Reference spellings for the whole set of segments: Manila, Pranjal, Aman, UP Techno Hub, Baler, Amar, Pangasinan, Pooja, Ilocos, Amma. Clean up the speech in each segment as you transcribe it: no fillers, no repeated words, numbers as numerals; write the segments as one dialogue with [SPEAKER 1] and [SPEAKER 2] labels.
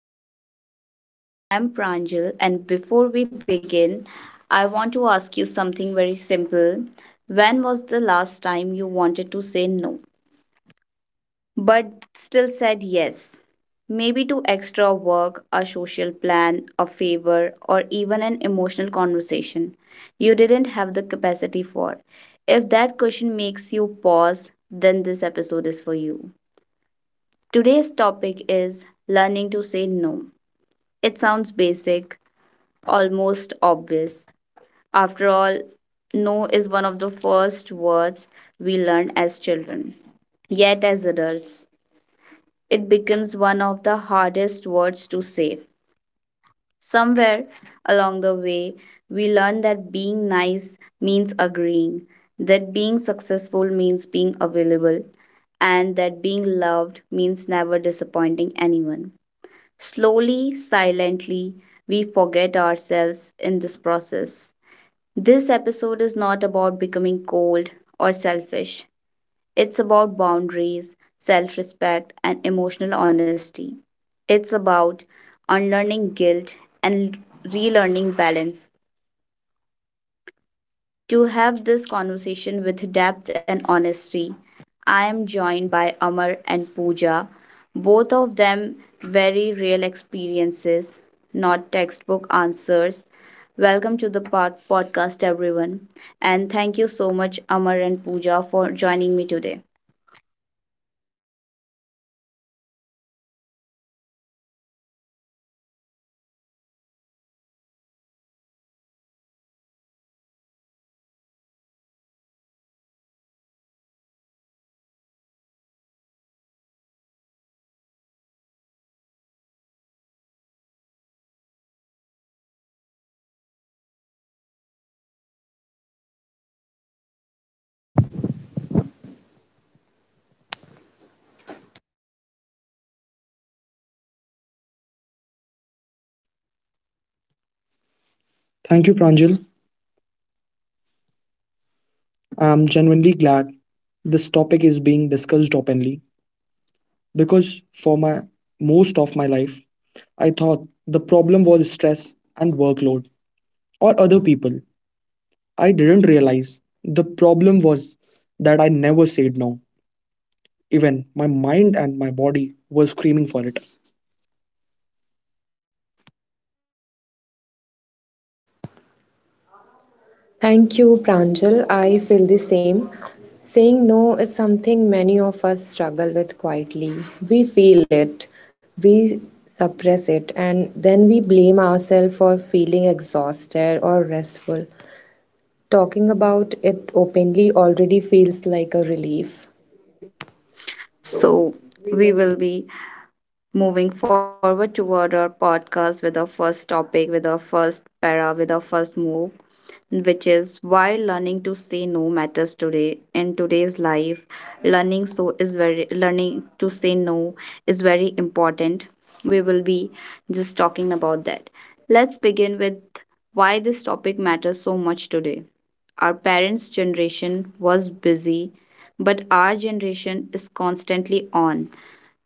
[SPEAKER 1] today's episode. I am Pranjal, and before we begin, I want to ask you something very simple. When was the last time you wanted to say no, but still said yes? Maybe to extra work, a social plan, a favor, or even an emotional conversation you didn't have the capacity for. If that question makes you pause, then this episode is for you. Today's topic is learning to say no. It sounds basic, almost obvious. After all, no is one of the first words we learn as children. Yet, as adults, it becomes one of the hardest words to say. Somewhere along the way, we learn that being nice means agreeing, that being successful means being available, and that being loved means never disappointing anyone. Slowly, silently, we forget ourselves in this process. This episode is not about becoming cold or selfish, it's about boundaries, self respect, and emotional honesty. It's about unlearning guilt and relearning balance. To have this conversation with depth and honesty, I am joined by Amar and Pooja, both of them very real experiences, not textbook answers. Welcome to the podcast, everyone. And thank you so much, Amar and Pooja, for joining me today.
[SPEAKER 2] Thank you, Pranjal. I'm genuinely glad this topic is being discussed openly because for my most of my life, I thought the problem was stress and workload or other people. I didn't realize the problem was that I never said no. Even my mind and my body were screaming for it.
[SPEAKER 3] Thank you, Pranjal. I feel the same. Saying no is something many of us struggle with quietly. We feel it, we suppress it, and then we blame ourselves for feeling exhausted or restful. Talking about it openly already feels like a relief.
[SPEAKER 1] So, we will be moving forward toward our podcast with our first topic, with our first para, with our first move, which is why learning to say no matters today in today's life. Learning to say no is very important. We will be just talking about that. Let's begin with why this topic matters so much today. Our parents' generation was busy, but our generation is constantly on.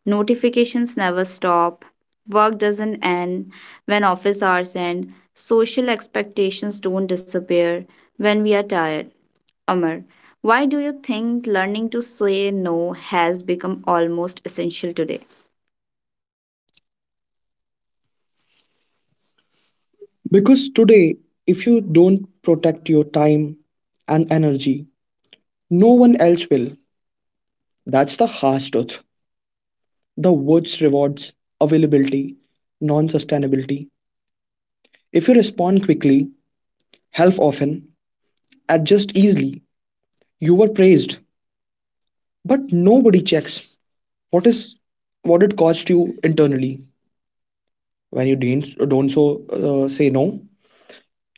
[SPEAKER 1] Notifications never stop, work doesn't end when office hours end, social expectations don't disappear when we are tired. Amar, why do you think learning to say no has become almost essential today?
[SPEAKER 2] Because today, if you don't protect your time and energy, no one else will. That's the harsh truth. The watch rewards availability, non sustainability. If you respond quickly, help often, adjust easily, you are praised. But nobody checks what is what it cost you internally. When you don't so, say no,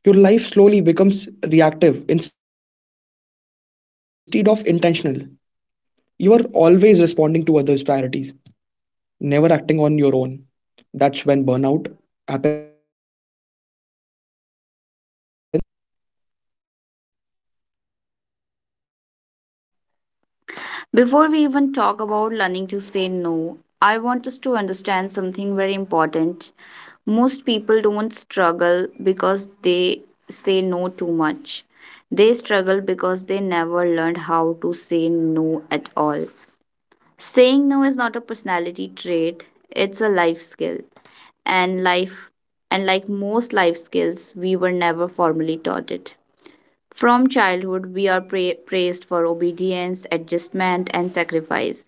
[SPEAKER 2] your life slowly becomes reactive instead of intentional. You are always responding to others' priorities, never acting on your own. That's when burnout happens, not suddenly, but gradually.
[SPEAKER 1] Before we even talk about learning to say no, I want us to understand something very important. Most people don't struggle because they say no too much. They struggle because they never learned how to say no at all. Saying no is not a personality trait, it's a life skill. And life and like most life skills, we were never formally taught it. From childhood, we are praised for obedience, adjustment, and sacrifice.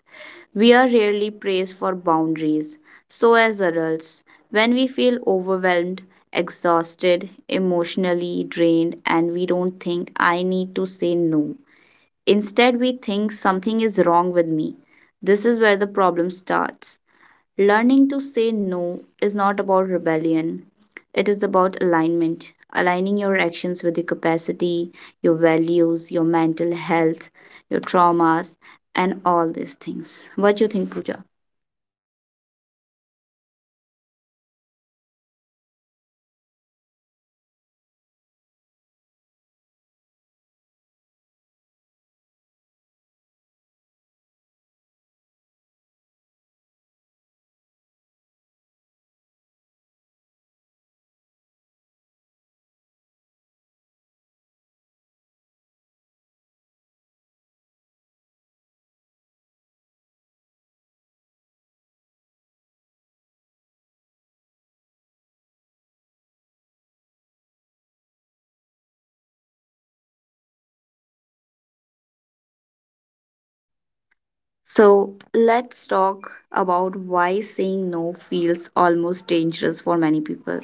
[SPEAKER 1] We are rarely praised for boundaries. So, as adults, when we feel overwhelmed, exhausted, emotionally drained, and we don't think I need to say no, instead, we think something is wrong with me. This is where the problem starts. Learning to say no is not about rebellion, it is about alignment, aligning your actions with your capacity, your values, your mental health, your traumas, and all these things. What do you think, Pooja? So let's talk about why saying no feels almost dangerous for many people.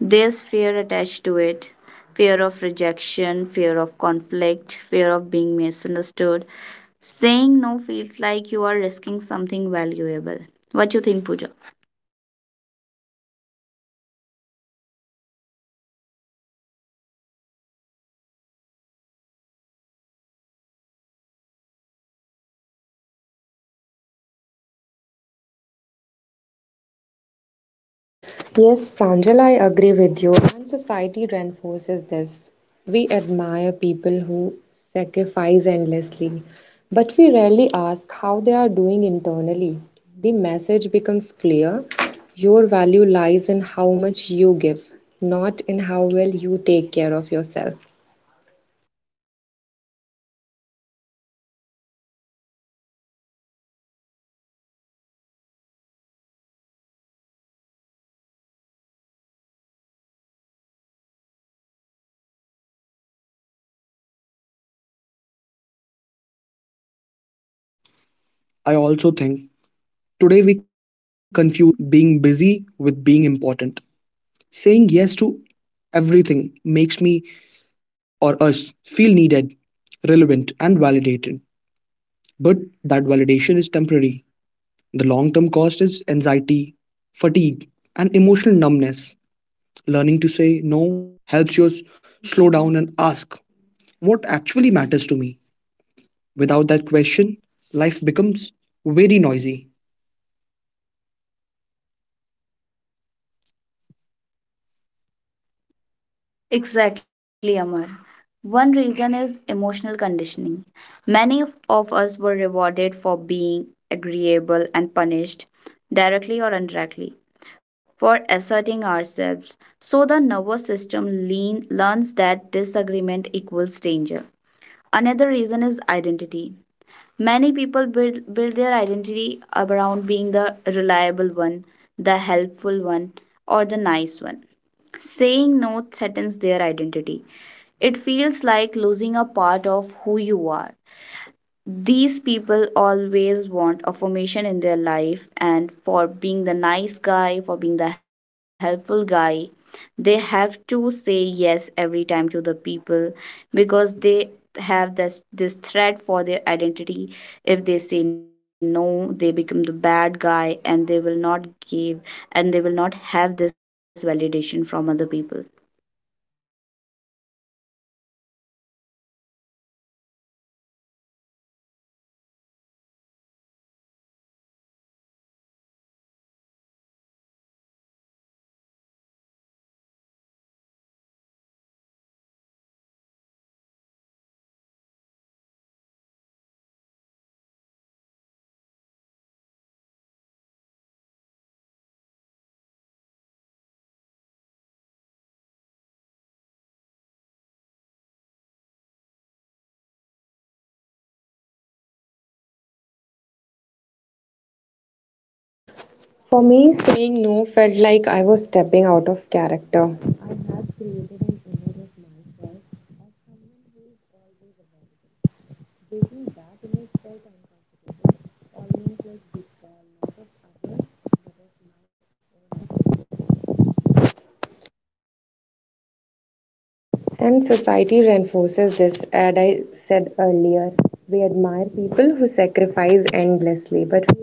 [SPEAKER 1] There's fear attached to it, fear of rejection, fear of conflict, fear of being misunderstood. Saying no feels like you are risking something valuable. What you think, Pooja?
[SPEAKER 3] Yes, Pranjal, I agree with you. And society reinforces this. We admire people who sacrifice endlessly, but we rarely ask how they are doing internally. The message becomes clear: your value lies in how much you give, not in how well you take care of yourself.
[SPEAKER 2] I completely agree. I also think today we confuse being busy with being important. Saying yes to everything makes me or us feel needed, relevant, and validated. But that validation is temporary. The long term cost is anxiety, fatigue, and emotional numbness. Learning to say no helps you slow down and ask what actually matters to me. Without that question, life becomes very noisy.
[SPEAKER 1] Exactly, Amar. One reason is emotional conditioning. Many of us were rewarded for being agreeable and punished, directly or indirectly, for asserting ourselves. So the nervous system learns that disagreement equals danger. Another reason is identity. Many people build their identity around being the reliable one, the helpful one, or the nice one. Saying no threatens their identity. It feels like losing a part of who you are. These people always want affirmation in their life, and for being the nice guy, for being the helpful guy, they have to say yes every time to the people, because they have this threat for their identity. If they say no, they become the bad guy and they will not give, and they will not have this validation from other people.
[SPEAKER 3] For me, saying no felt like I was stepping out of character. And society reinforces this, as I said earlier. We admire people who sacrifice endlessly, but...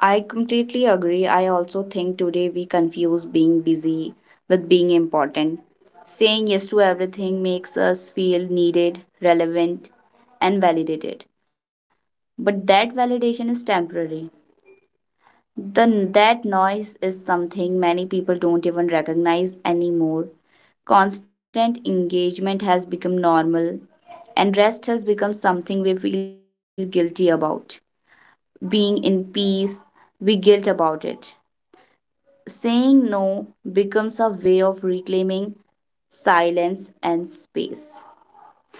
[SPEAKER 1] I completely agree. I also think today we confuse being busy with being important. Saying yes to everything makes us feel needed, relevant, and validated. But that validation is temporary. That noise is something many people don't even recognize anymore. Constant engagement has become normal, and rest has become something we feel guilty about. Being in peace, we guilt about it. Saying no becomes a way of reclaiming silence and space.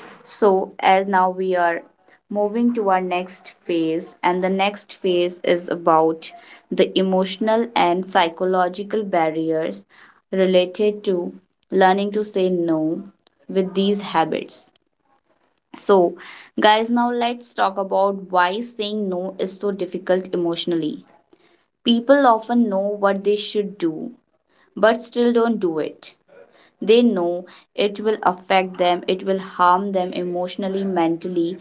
[SPEAKER 1] So, as now we are moving to our next phase, and the next phase is about the emotional and psychological barriers related to learning to say no with these habits. So, guys, now let's talk about why saying no is so difficult emotionally. People often know what they should do but still don't do it. They know it will affect them, it will harm them emotionally, mentally,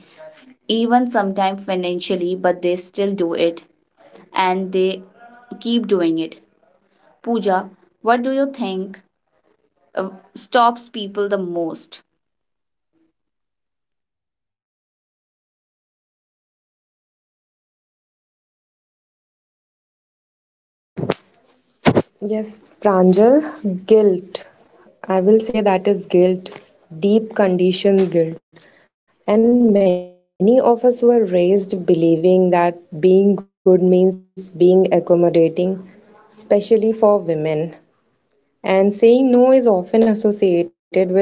[SPEAKER 1] even sometimes financially, but they still do it and they keep doing it. Pooja, what do you think uh, stops people the most?
[SPEAKER 3] Yes, Pranjal, guilt. I will say that is guilt, deep conditioned guilt. And many of us were raised believing that being good means being accommodating, especially for women. And saying no is often associated with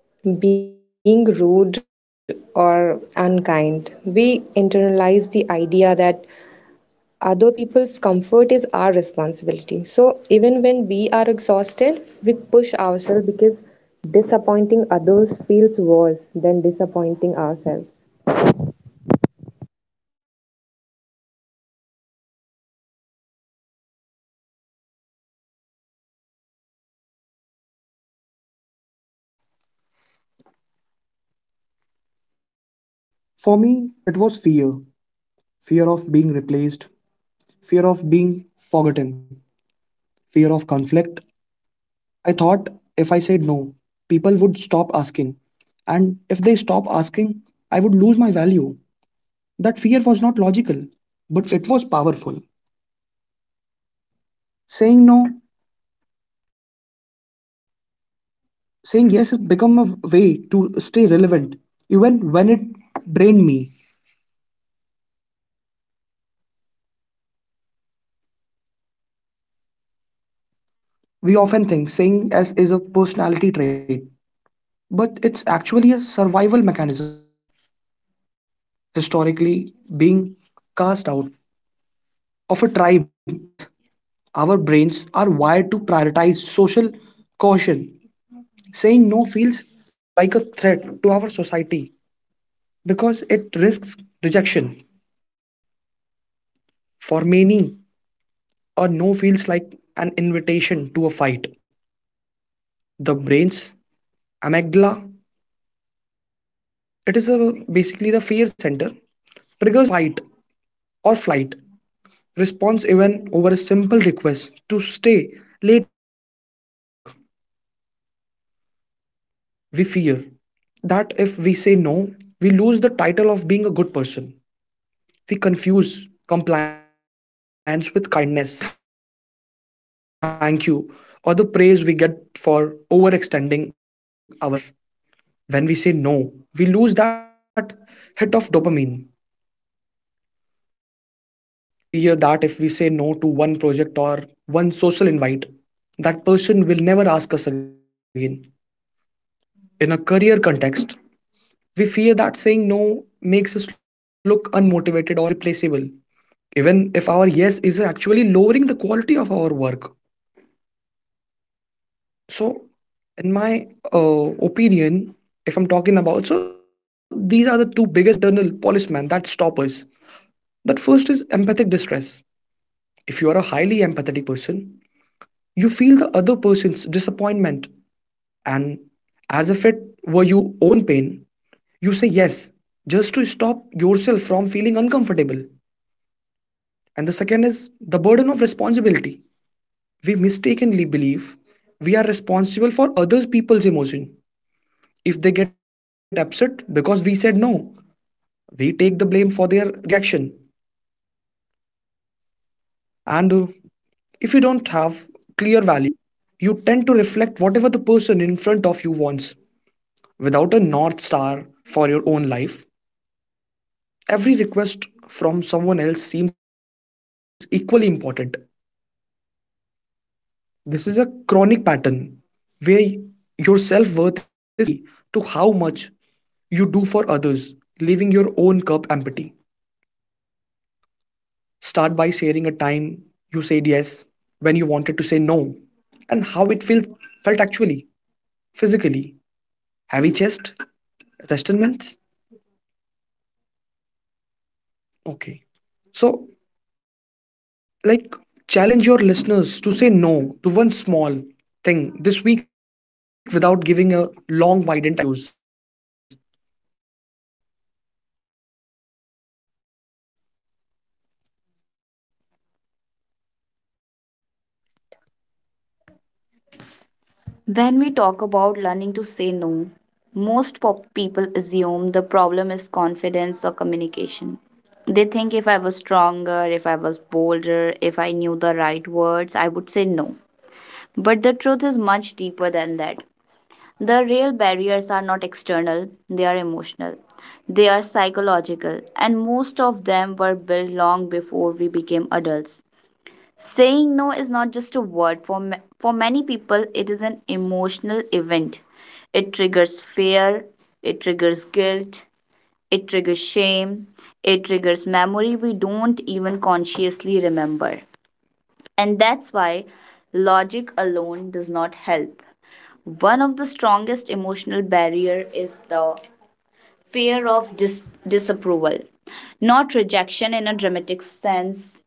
[SPEAKER 3] being rude or unkind. We internalize the idea that other people's comfort is our responsibility. So even when we are exhausted, we push ourselves because disappointing others feels worse than disappointing ourselves.
[SPEAKER 2] For me, it was fear. Fear of being replaced, fear of being forgotten, fear of conflict. I thought if I said no, people would stop asking. And if they stop asking, I would lose my value. That fear was not logical, but it was powerful. Saying no, saying yes has become a way to stay relevant, even when it drained me. We often think saying yes is a personality trait, but it's actually a survival mechanism. Historically, being cast out of a tribe meant death. Our brains are wired to prioritize social caution. Saying no feels like a threat to our society because it risks rejection. For many, a no feels like an invitation to a fight. The brain's amygdala, it is a, basically the fear center, triggers a fight or flight response even over a simple request to stay late at work. We fear that if we say no, we lose the title of being a good person. We confuse compliance with kindness. We become addicted to the thank you or the praise we get for overextending ourselves. When we say no, we lose that hit of dopamine. We fear that if we say no to one project or one social invite, that person will never ask us again. In a career context, we fear that saying no makes us look unmotivated or replaceable, even if our yes is actually lowering the quality of our work. So in my opinion, if I'm talking about, these are the two biggest internal policemen that stop us. That first is empathic distress. If you are a highly empathetic person, you feel the other person's disappointment and as if it were your own pain. You say yes just to stop yourself from feeling uncomfortable. And the second is the burden of responsibility. We mistakenly believe we are responsible for other people's emotion. If they get upset because we said no, we take the blame for their reaction. And if you don't have clear values, you tend to reflect whatever the person in front of you wants without a north star for your own life. Every request from someone else seems equally important. This is a chronic pattern where your self worth is tied entirely to how much you do for others, leaving your own cup empty. Start by sharing a time you said yes when you wanted to say no and how it felt actually physically, heavy chest, resentments. Okay, so, like, challenge your listeners to say no to one small thing this week without giving a long widened excuse.
[SPEAKER 1] When we talk about learning to say no, most people assume the problem is confidence or communication. They think if I was stronger, if I was bolder, if I knew the right words, I would say no. But the truth is much deeper than that. The real barriers are not external, they are emotional. They are psychological, and most of them were built long before we became adults. Saying no is not just a word. For many people, it is an emotional event. It triggers fear, it triggers guilt, it triggers shame, it triggers memory we don't even consciously remember. And that's why logic alone does not help. One of the strongest emotional barrier is the fear of disapproval. Not rejection in a dramatic sense,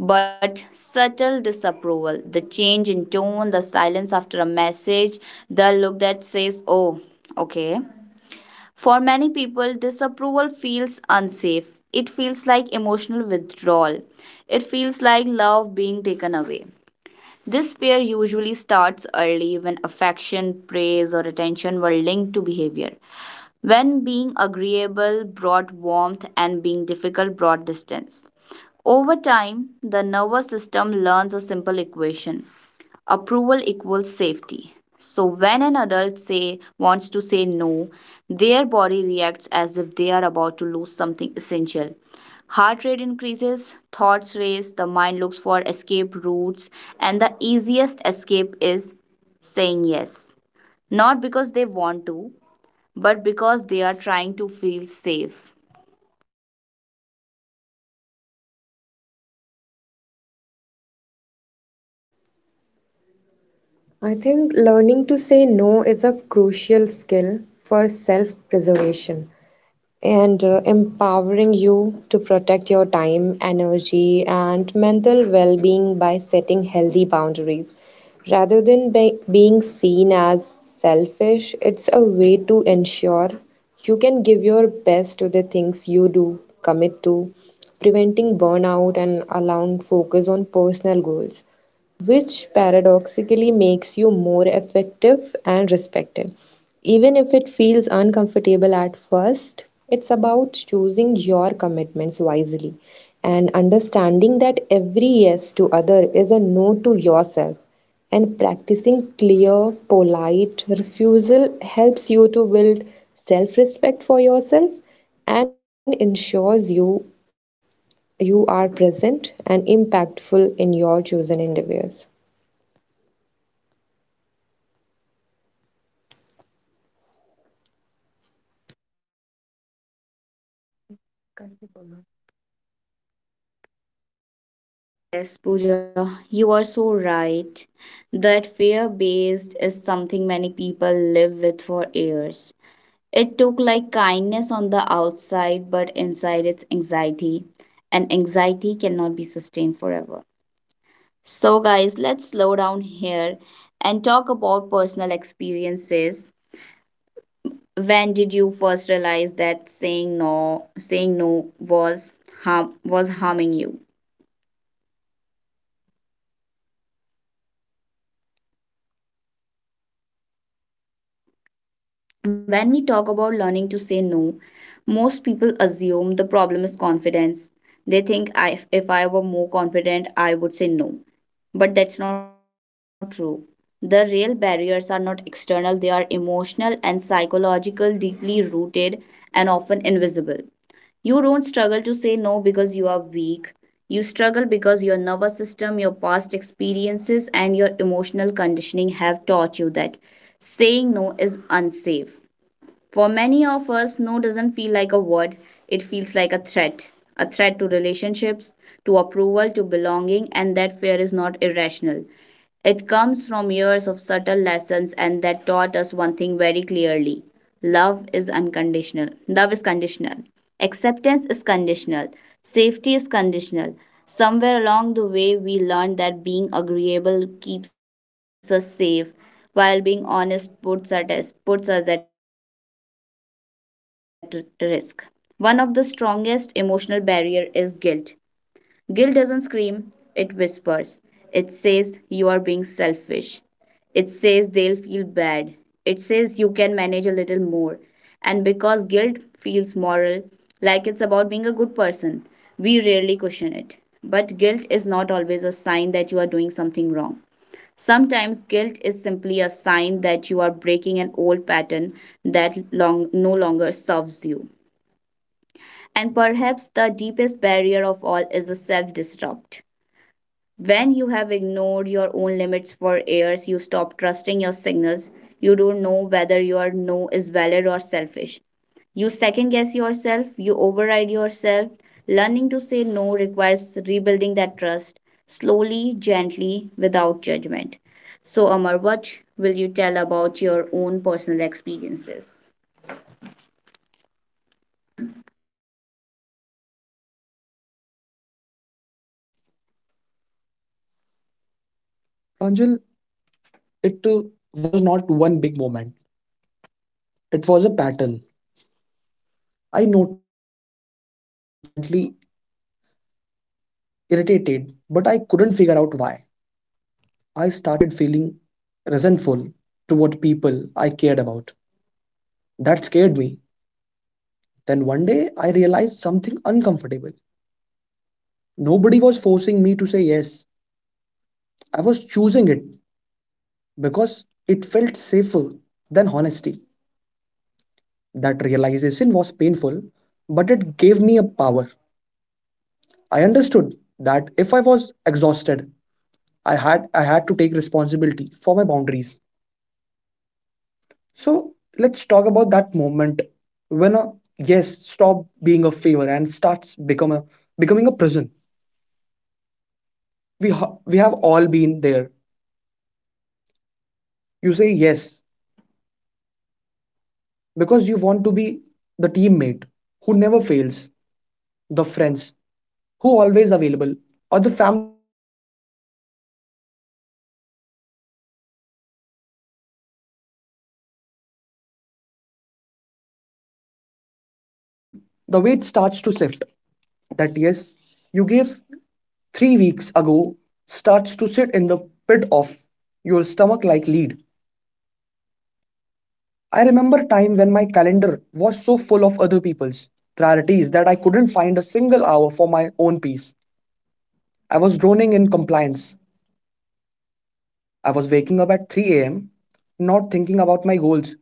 [SPEAKER 1] but subtle disapproval. The change in tone, the silence after a message, the look that says, oh, okay. For many people, disapproval feels unsafe. It feels like emotional withdrawal. It feels like love being taken away. This fear usually starts early when affection, praise, or attention were linked to behavior. When being agreeable brought warmth and being difficult brought distance. Over time, the nervous system learns a simple equation: approval equals safety. So, when an wants to say no, their body reacts as if they are about to lose something essential. Heart rate increases, thoughts race, the mind looks for escape routes, and the easiest escape is saying yes. Not because they want to, but because they are trying to feel safe.
[SPEAKER 3] I think learning to say no is a crucial skill for self preservation and empowering you to protect your time, energy, and mental well being by setting healthy boundaries. Rather than being seen as selfish, it's a way to ensure you can give your best to the things you do commit to, preventing burnout and allowing focus on personal goals, which paradoxically makes you more effective and respected. Even if it feels uncomfortable at first, it's about choosing your commitments wisely and understanding that every yes to other is a no to yourself. And practicing clear, polite refusal helps you to build self respect for yourself and ensures you are present and impactful in your chosen endeavors.
[SPEAKER 1] Yes, Pooja, you are so right. That fear based is something many people live with for years. It took like kindness on the outside, but inside it's anxiety, and anxiety cannot be sustained forever. So, guys, let's slow down here and talk about personal experiences. When did you first realize that saying no was harm was harming you? When we talk about learning to say no, most people assume the problem is confidence. They think if I were more confident, I would say no. But that's not true. The real barriers are not external, they are emotional and psychological, deeply rooted, and often invisible. You don't struggle to say no because you are weak. You struggle because your nervous system, your past experiences, and your emotional conditioning have taught you that saying no is unsafe. For many of us, no doesn't feel like a word, it feels like a threat. A threat to relationships, to approval, to belonging, and that fear is not irrational. It comes from years of subtle lessons and that taught us one thing very clearly. Love is unconditional. Love is conditional. Acceptance is conditional. Safety is conditional. Somewhere along the way, we learned that being agreeable keeps us safe, while being honest puts us at risk. One of the strongest emotional barriers is guilt. Guilt doesn't scream, it whispers. It says you are being selfish. It says they'll feel bad. It says you can manage a little more. And because guilt feels moral, like it's about being a good person, we rarely question it. But guilt is not always a sign that you are doing something wrong. Sometimes guilt is simply a sign that you are breaking an old pattern that no longer serves you. And perhaps the deepest barrier of all is the self disrupt. When you have ignored your own limits for years, you stop trusting your signals. You don't know whether your no is valid or selfish. You second guess yourself, you override yourself. Learning to say no requires rebuilding that trust slowly, gently, without judgment. So, Amar, what will you tell about your own personal experiences?
[SPEAKER 2] Ranjil, it was not one big moment, it was a pattern. I noticed I was constantly irritated, but I couldn't figure out why. I started feeling resentful toward people I cared about. That scared me. Then one day I realized something uncomfortable. Nobody was forcing me to say yes. I was choosing it because it felt safer than honesty. That realization was painful, but it gave me a power. I understood that if I was exhausted, I had to take responsibility for my boundaries. So let's talk about that moment when a yes stop being a favor and starts become a becoming a prison. We have all been there. You say yes because you want to be the teammate who never fails, the friends who always available, or the family member who carries everyone's burden. At first, it feels good. You feel needed, even heroic. But then, slowly, the weight starts to shift. That yes you gave 3 weeks ago starts to sit in the pit of your stomach like lead. I remember time when my calendar was so full of other people's priorities that I couldn't find a single hour for my own peace. I was droning in compliance. I was waking up at 3 a.m., not thinking about my goals,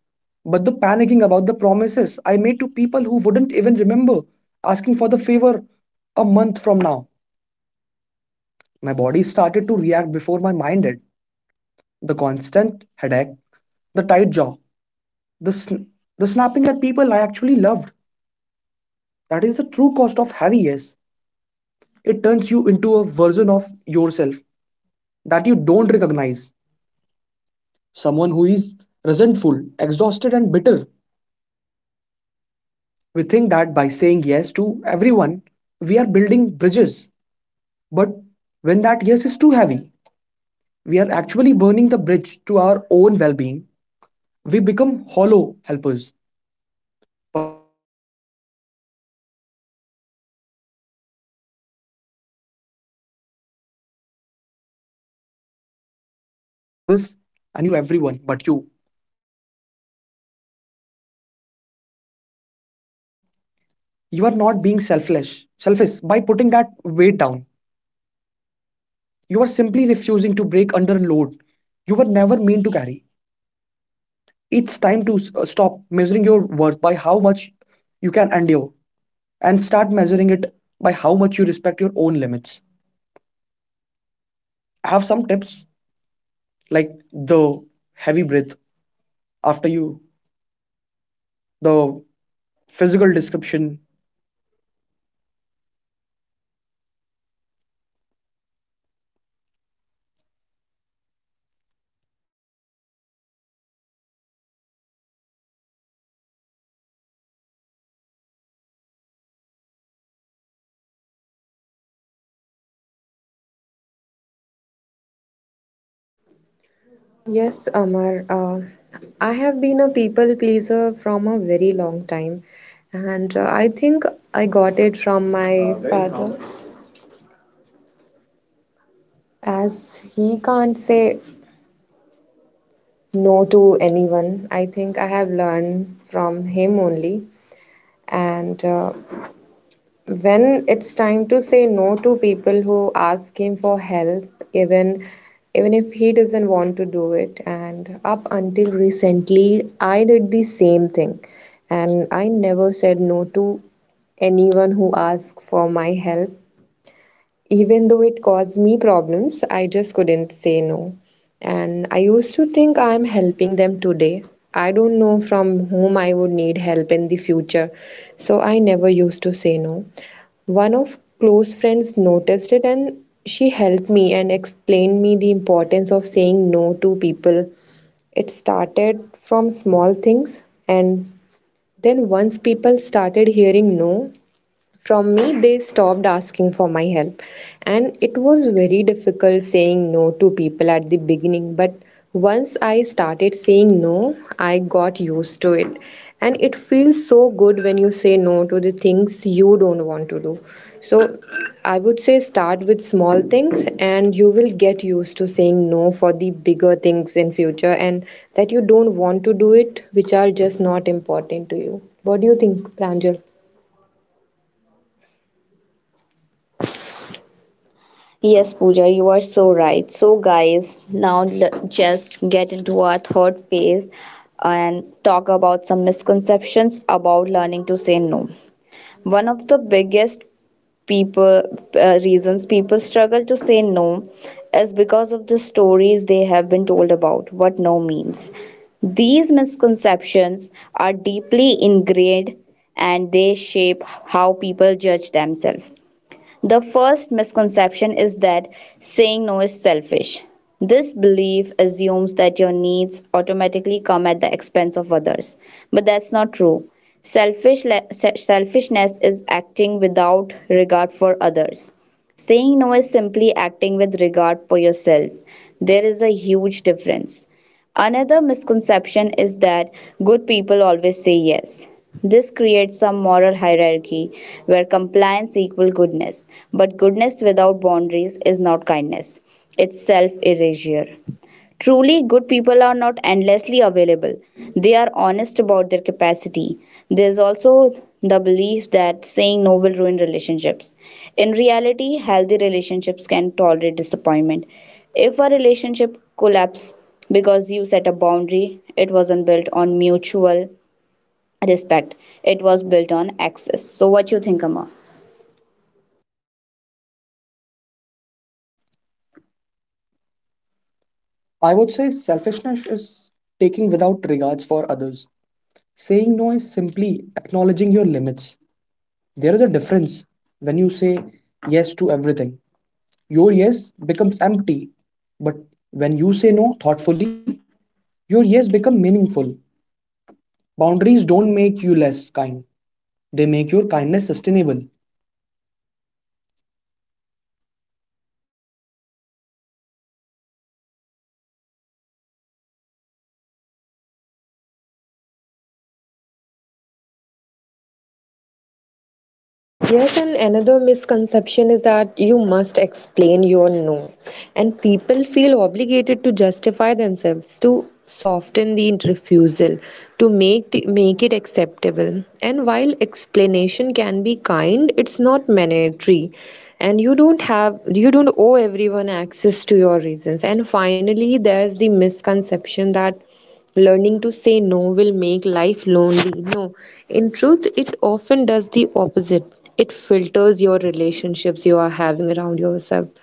[SPEAKER 2] but the panicking about the promises I made to people who wouldn't even remember asking for the favor a month from now. My body started to react before my mind did. The constant headache, the tight jaw, the, the snapping at people I actually loved. That is the true cost of heavy yes. It turns you into a version of yourself that you don't recognize. Someone who is resentful, exhausted, and bitter. We think that by saying yes to everyone, we are building bridges. But when that yes is too heavy, we are actually burning the bridge to our own well being. We become hollow helpers performing the task but losing our spirit in the process. If you are listening to this and you feel that tightness in your chest because your schedule belongs to everyone but you, I want you to realize something. You are not being selfish by putting that weight down. You are simply refusing to break under a load you were never meant to carry. It's time to stop measuring your worth by how much you can endure and start measuring it by how much you respect your own limits. I have some tips like the heavy breath after you, the physical description.
[SPEAKER 3] Yes, Amar. I have been a people pleaser from a very long time, and I think I got it from my... that is father. Normal. As he can't say no to anyone, I think I have learned from him only. And when it's time to say no to people who ask him for help, even even if he doesn't want to do it. And up until recently I did the same thing, and I never said no to anyone who asked for my help. Even though it caused me problems, I just couldn't say no. And I used to think I'm helping them today. I don't know from whom I would need help in the future, so I never used to say no. One of close friends noticed it and she helped me and explained me the importance of saying no to people. It started from small things, and then once people started hearing no from me, they stopped asking for my help. And it was very difficult saying no to people at the beginning. But once I started saying no, I got used to it. And it feels so good when you say no to the things you don't want to do. So I would say start with small things and you will get used to saying no for the bigger things in future and that you don't want to do it, which are just not important to you. What do you think, Pranjal? Yes, Pooja, you are so right. So, guys, now just get into our third phase and talk about some misconceptions about learning to say no. One of the biggest people reasons people struggle to say no is because of the stories they have been told about what no means. These misconceptions are deeply ingrained and they shape how people judge themselves. The first misconception is that saying no is selfish. This belief assumes that your needs automatically come at the expense of others, but that's not true. Selfishness is acting without regard for others. Saying no is simply acting with regard for yourself. There is a huge difference. Another misconception is that good people always say yes. This creates some moral hierarchy where compliance equals goodness, but goodness without boundaries is not kindness. It's self erasure. Truly good people are not endlessly available, they are honest about their capacity. There's also the belief that saying no will ruin relationships. In reality, healthy relationships can tolerate disappointment. If a relationship collapses because you set a boundary, it wasn't built on mutual respect. It was built on access. So what you think, Amma?
[SPEAKER 2] I would say selfishness is taking without regards for others. Saying no is simply acknowledging your limits. There is a difference. When you say yes to everything, your yes becomes empty, but when you say no thoughtfully, your yes become meaningful. Boundaries don't make you less kind. They make your kindness sustainable.
[SPEAKER 3] Yes, and another misconception is that you must explain your no. And people feel obligated to justify themselves, to soften the refusal, to make it acceptable. And while explanation can be kind, it's not mandatory. And you don't owe everyone access to your reasons. And finally, there's the misconception that learning to say no will make life lonely. No, in truth, it often does the opposite. It filters your relationships you are having around yourself,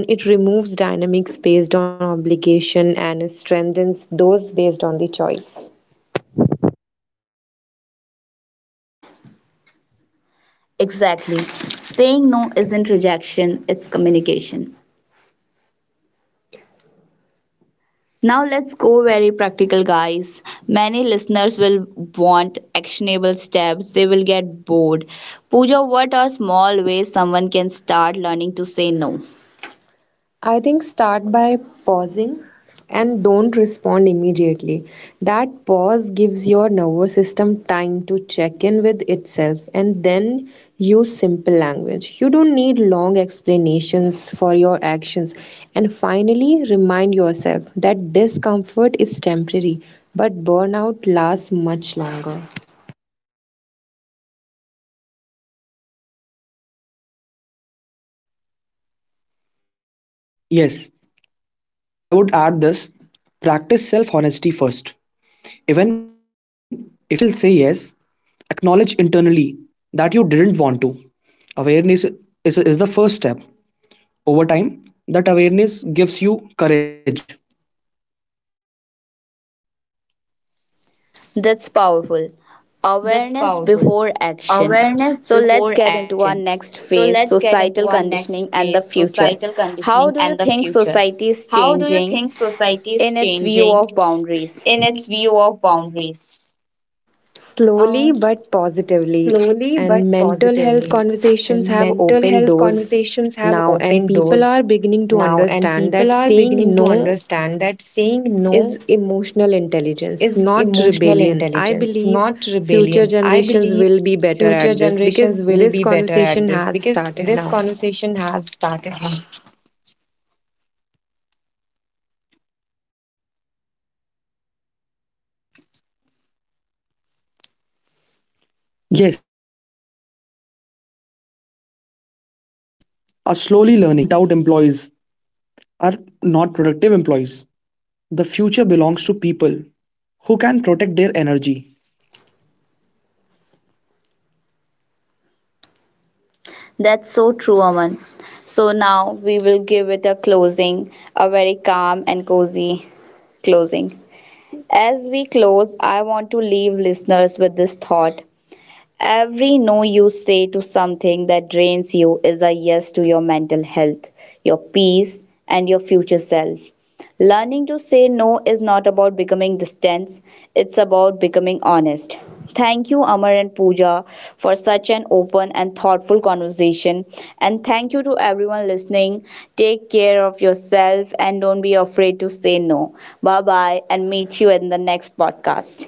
[SPEAKER 3] and it removes dynamics based on obligation and strengthens those based on the choice. Exactly. Saying no isn't rejection, it's communication. Now let's go very practical, guys. Many listeners will want actionable steps, they will get bored. Pooja, what are small ways someone can start learning to say no? I think start by pausing and don't respond immediately. That pause gives your nervous system time to check in with itself, and then use simple language. You don't need long explanations for your actions. And finally, remind yourself that discomfort is temporary, but burnout lasts much longer.
[SPEAKER 2] Yes, I would add this, practice self honesty first. Even if you still say yes, acknowledge internally that you didn't want to. Awareness is the first step. Over time, that awareness gives you courage.
[SPEAKER 3] That's powerful.
[SPEAKER 2] That's
[SPEAKER 3] Awareness
[SPEAKER 2] powerful.
[SPEAKER 3] before action.
[SPEAKER 2] Awareness
[SPEAKER 3] So let's
[SPEAKER 2] before
[SPEAKER 3] get into our
[SPEAKER 2] action.
[SPEAKER 3] next
[SPEAKER 2] So
[SPEAKER 3] phase:
[SPEAKER 2] let's get into
[SPEAKER 3] societal
[SPEAKER 2] our
[SPEAKER 3] conditioning
[SPEAKER 2] next
[SPEAKER 3] and the
[SPEAKER 2] phase,
[SPEAKER 3] future.
[SPEAKER 2] societal
[SPEAKER 3] How
[SPEAKER 2] conditioning
[SPEAKER 3] do you
[SPEAKER 2] and the
[SPEAKER 3] think
[SPEAKER 2] future.
[SPEAKER 3] society is
[SPEAKER 2] How do you
[SPEAKER 3] changing
[SPEAKER 2] think society is
[SPEAKER 3] in its view
[SPEAKER 2] changing
[SPEAKER 3] of boundaries?
[SPEAKER 2] in its view of boundaries? Uh,
[SPEAKER 3] Slowly but positively,
[SPEAKER 2] slowly but
[SPEAKER 3] and mental health
[SPEAKER 2] positively.
[SPEAKER 3] conversations
[SPEAKER 2] And
[SPEAKER 3] have
[SPEAKER 2] mental
[SPEAKER 3] opened
[SPEAKER 2] health
[SPEAKER 3] doors
[SPEAKER 2] conversations have
[SPEAKER 3] now, and
[SPEAKER 2] opened
[SPEAKER 3] people are
[SPEAKER 2] doors
[SPEAKER 3] beginning to
[SPEAKER 2] now, and
[SPEAKER 3] understand
[SPEAKER 2] people
[SPEAKER 3] that
[SPEAKER 2] are
[SPEAKER 3] saying
[SPEAKER 2] beginning to
[SPEAKER 3] no
[SPEAKER 2] understand that saying
[SPEAKER 3] is
[SPEAKER 2] no
[SPEAKER 3] emotional intelligence,
[SPEAKER 2] is
[SPEAKER 3] not
[SPEAKER 2] emotional
[SPEAKER 3] rebellion. I
[SPEAKER 2] intelligence,
[SPEAKER 3] believe
[SPEAKER 2] not
[SPEAKER 3] future
[SPEAKER 2] rebellion. I
[SPEAKER 3] generations
[SPEAKER 2] believe
[SPEAKER 3] will be better
[SPEAKER 2] future
[SPEAKER 3] at this
[SPEAKER 2] generations
[SPEAKER 3] because
[SPEAKER 2] will
[SPEAKER 3] this
[SPEAKER 2] be better at
[SPEAKER 3] conversation
[SPEAKER 2] this
[SPEAKER 3] has
[SPEAKER 2] because
[SPEAKER 3] started
[SPEAKER 2] this
[SPEAKER 3] now.
[SPEAKER 2] conversation has started now. Yes, and workplaces are slowly learning that burnt out employees are not productive employees. The future belongs to people who can protect their energy.
[SPEAKER 3] That's so true, Aman. So now we will give it a closing, a very calm and cozy closing. As we close, I want to leave listeners with this thought. Every no you say to something that drains you is a yes to your mental health, your peace, and your future self. Learning to say no is not about becoming distant, it's about becoming honest. Thank you, Amar and Pooja, for such an open and thoughtful conversation. And thank you to everyone listening. Take care of yourself and don't be afraid to say no. Bye bye, and meet you in the next podcast.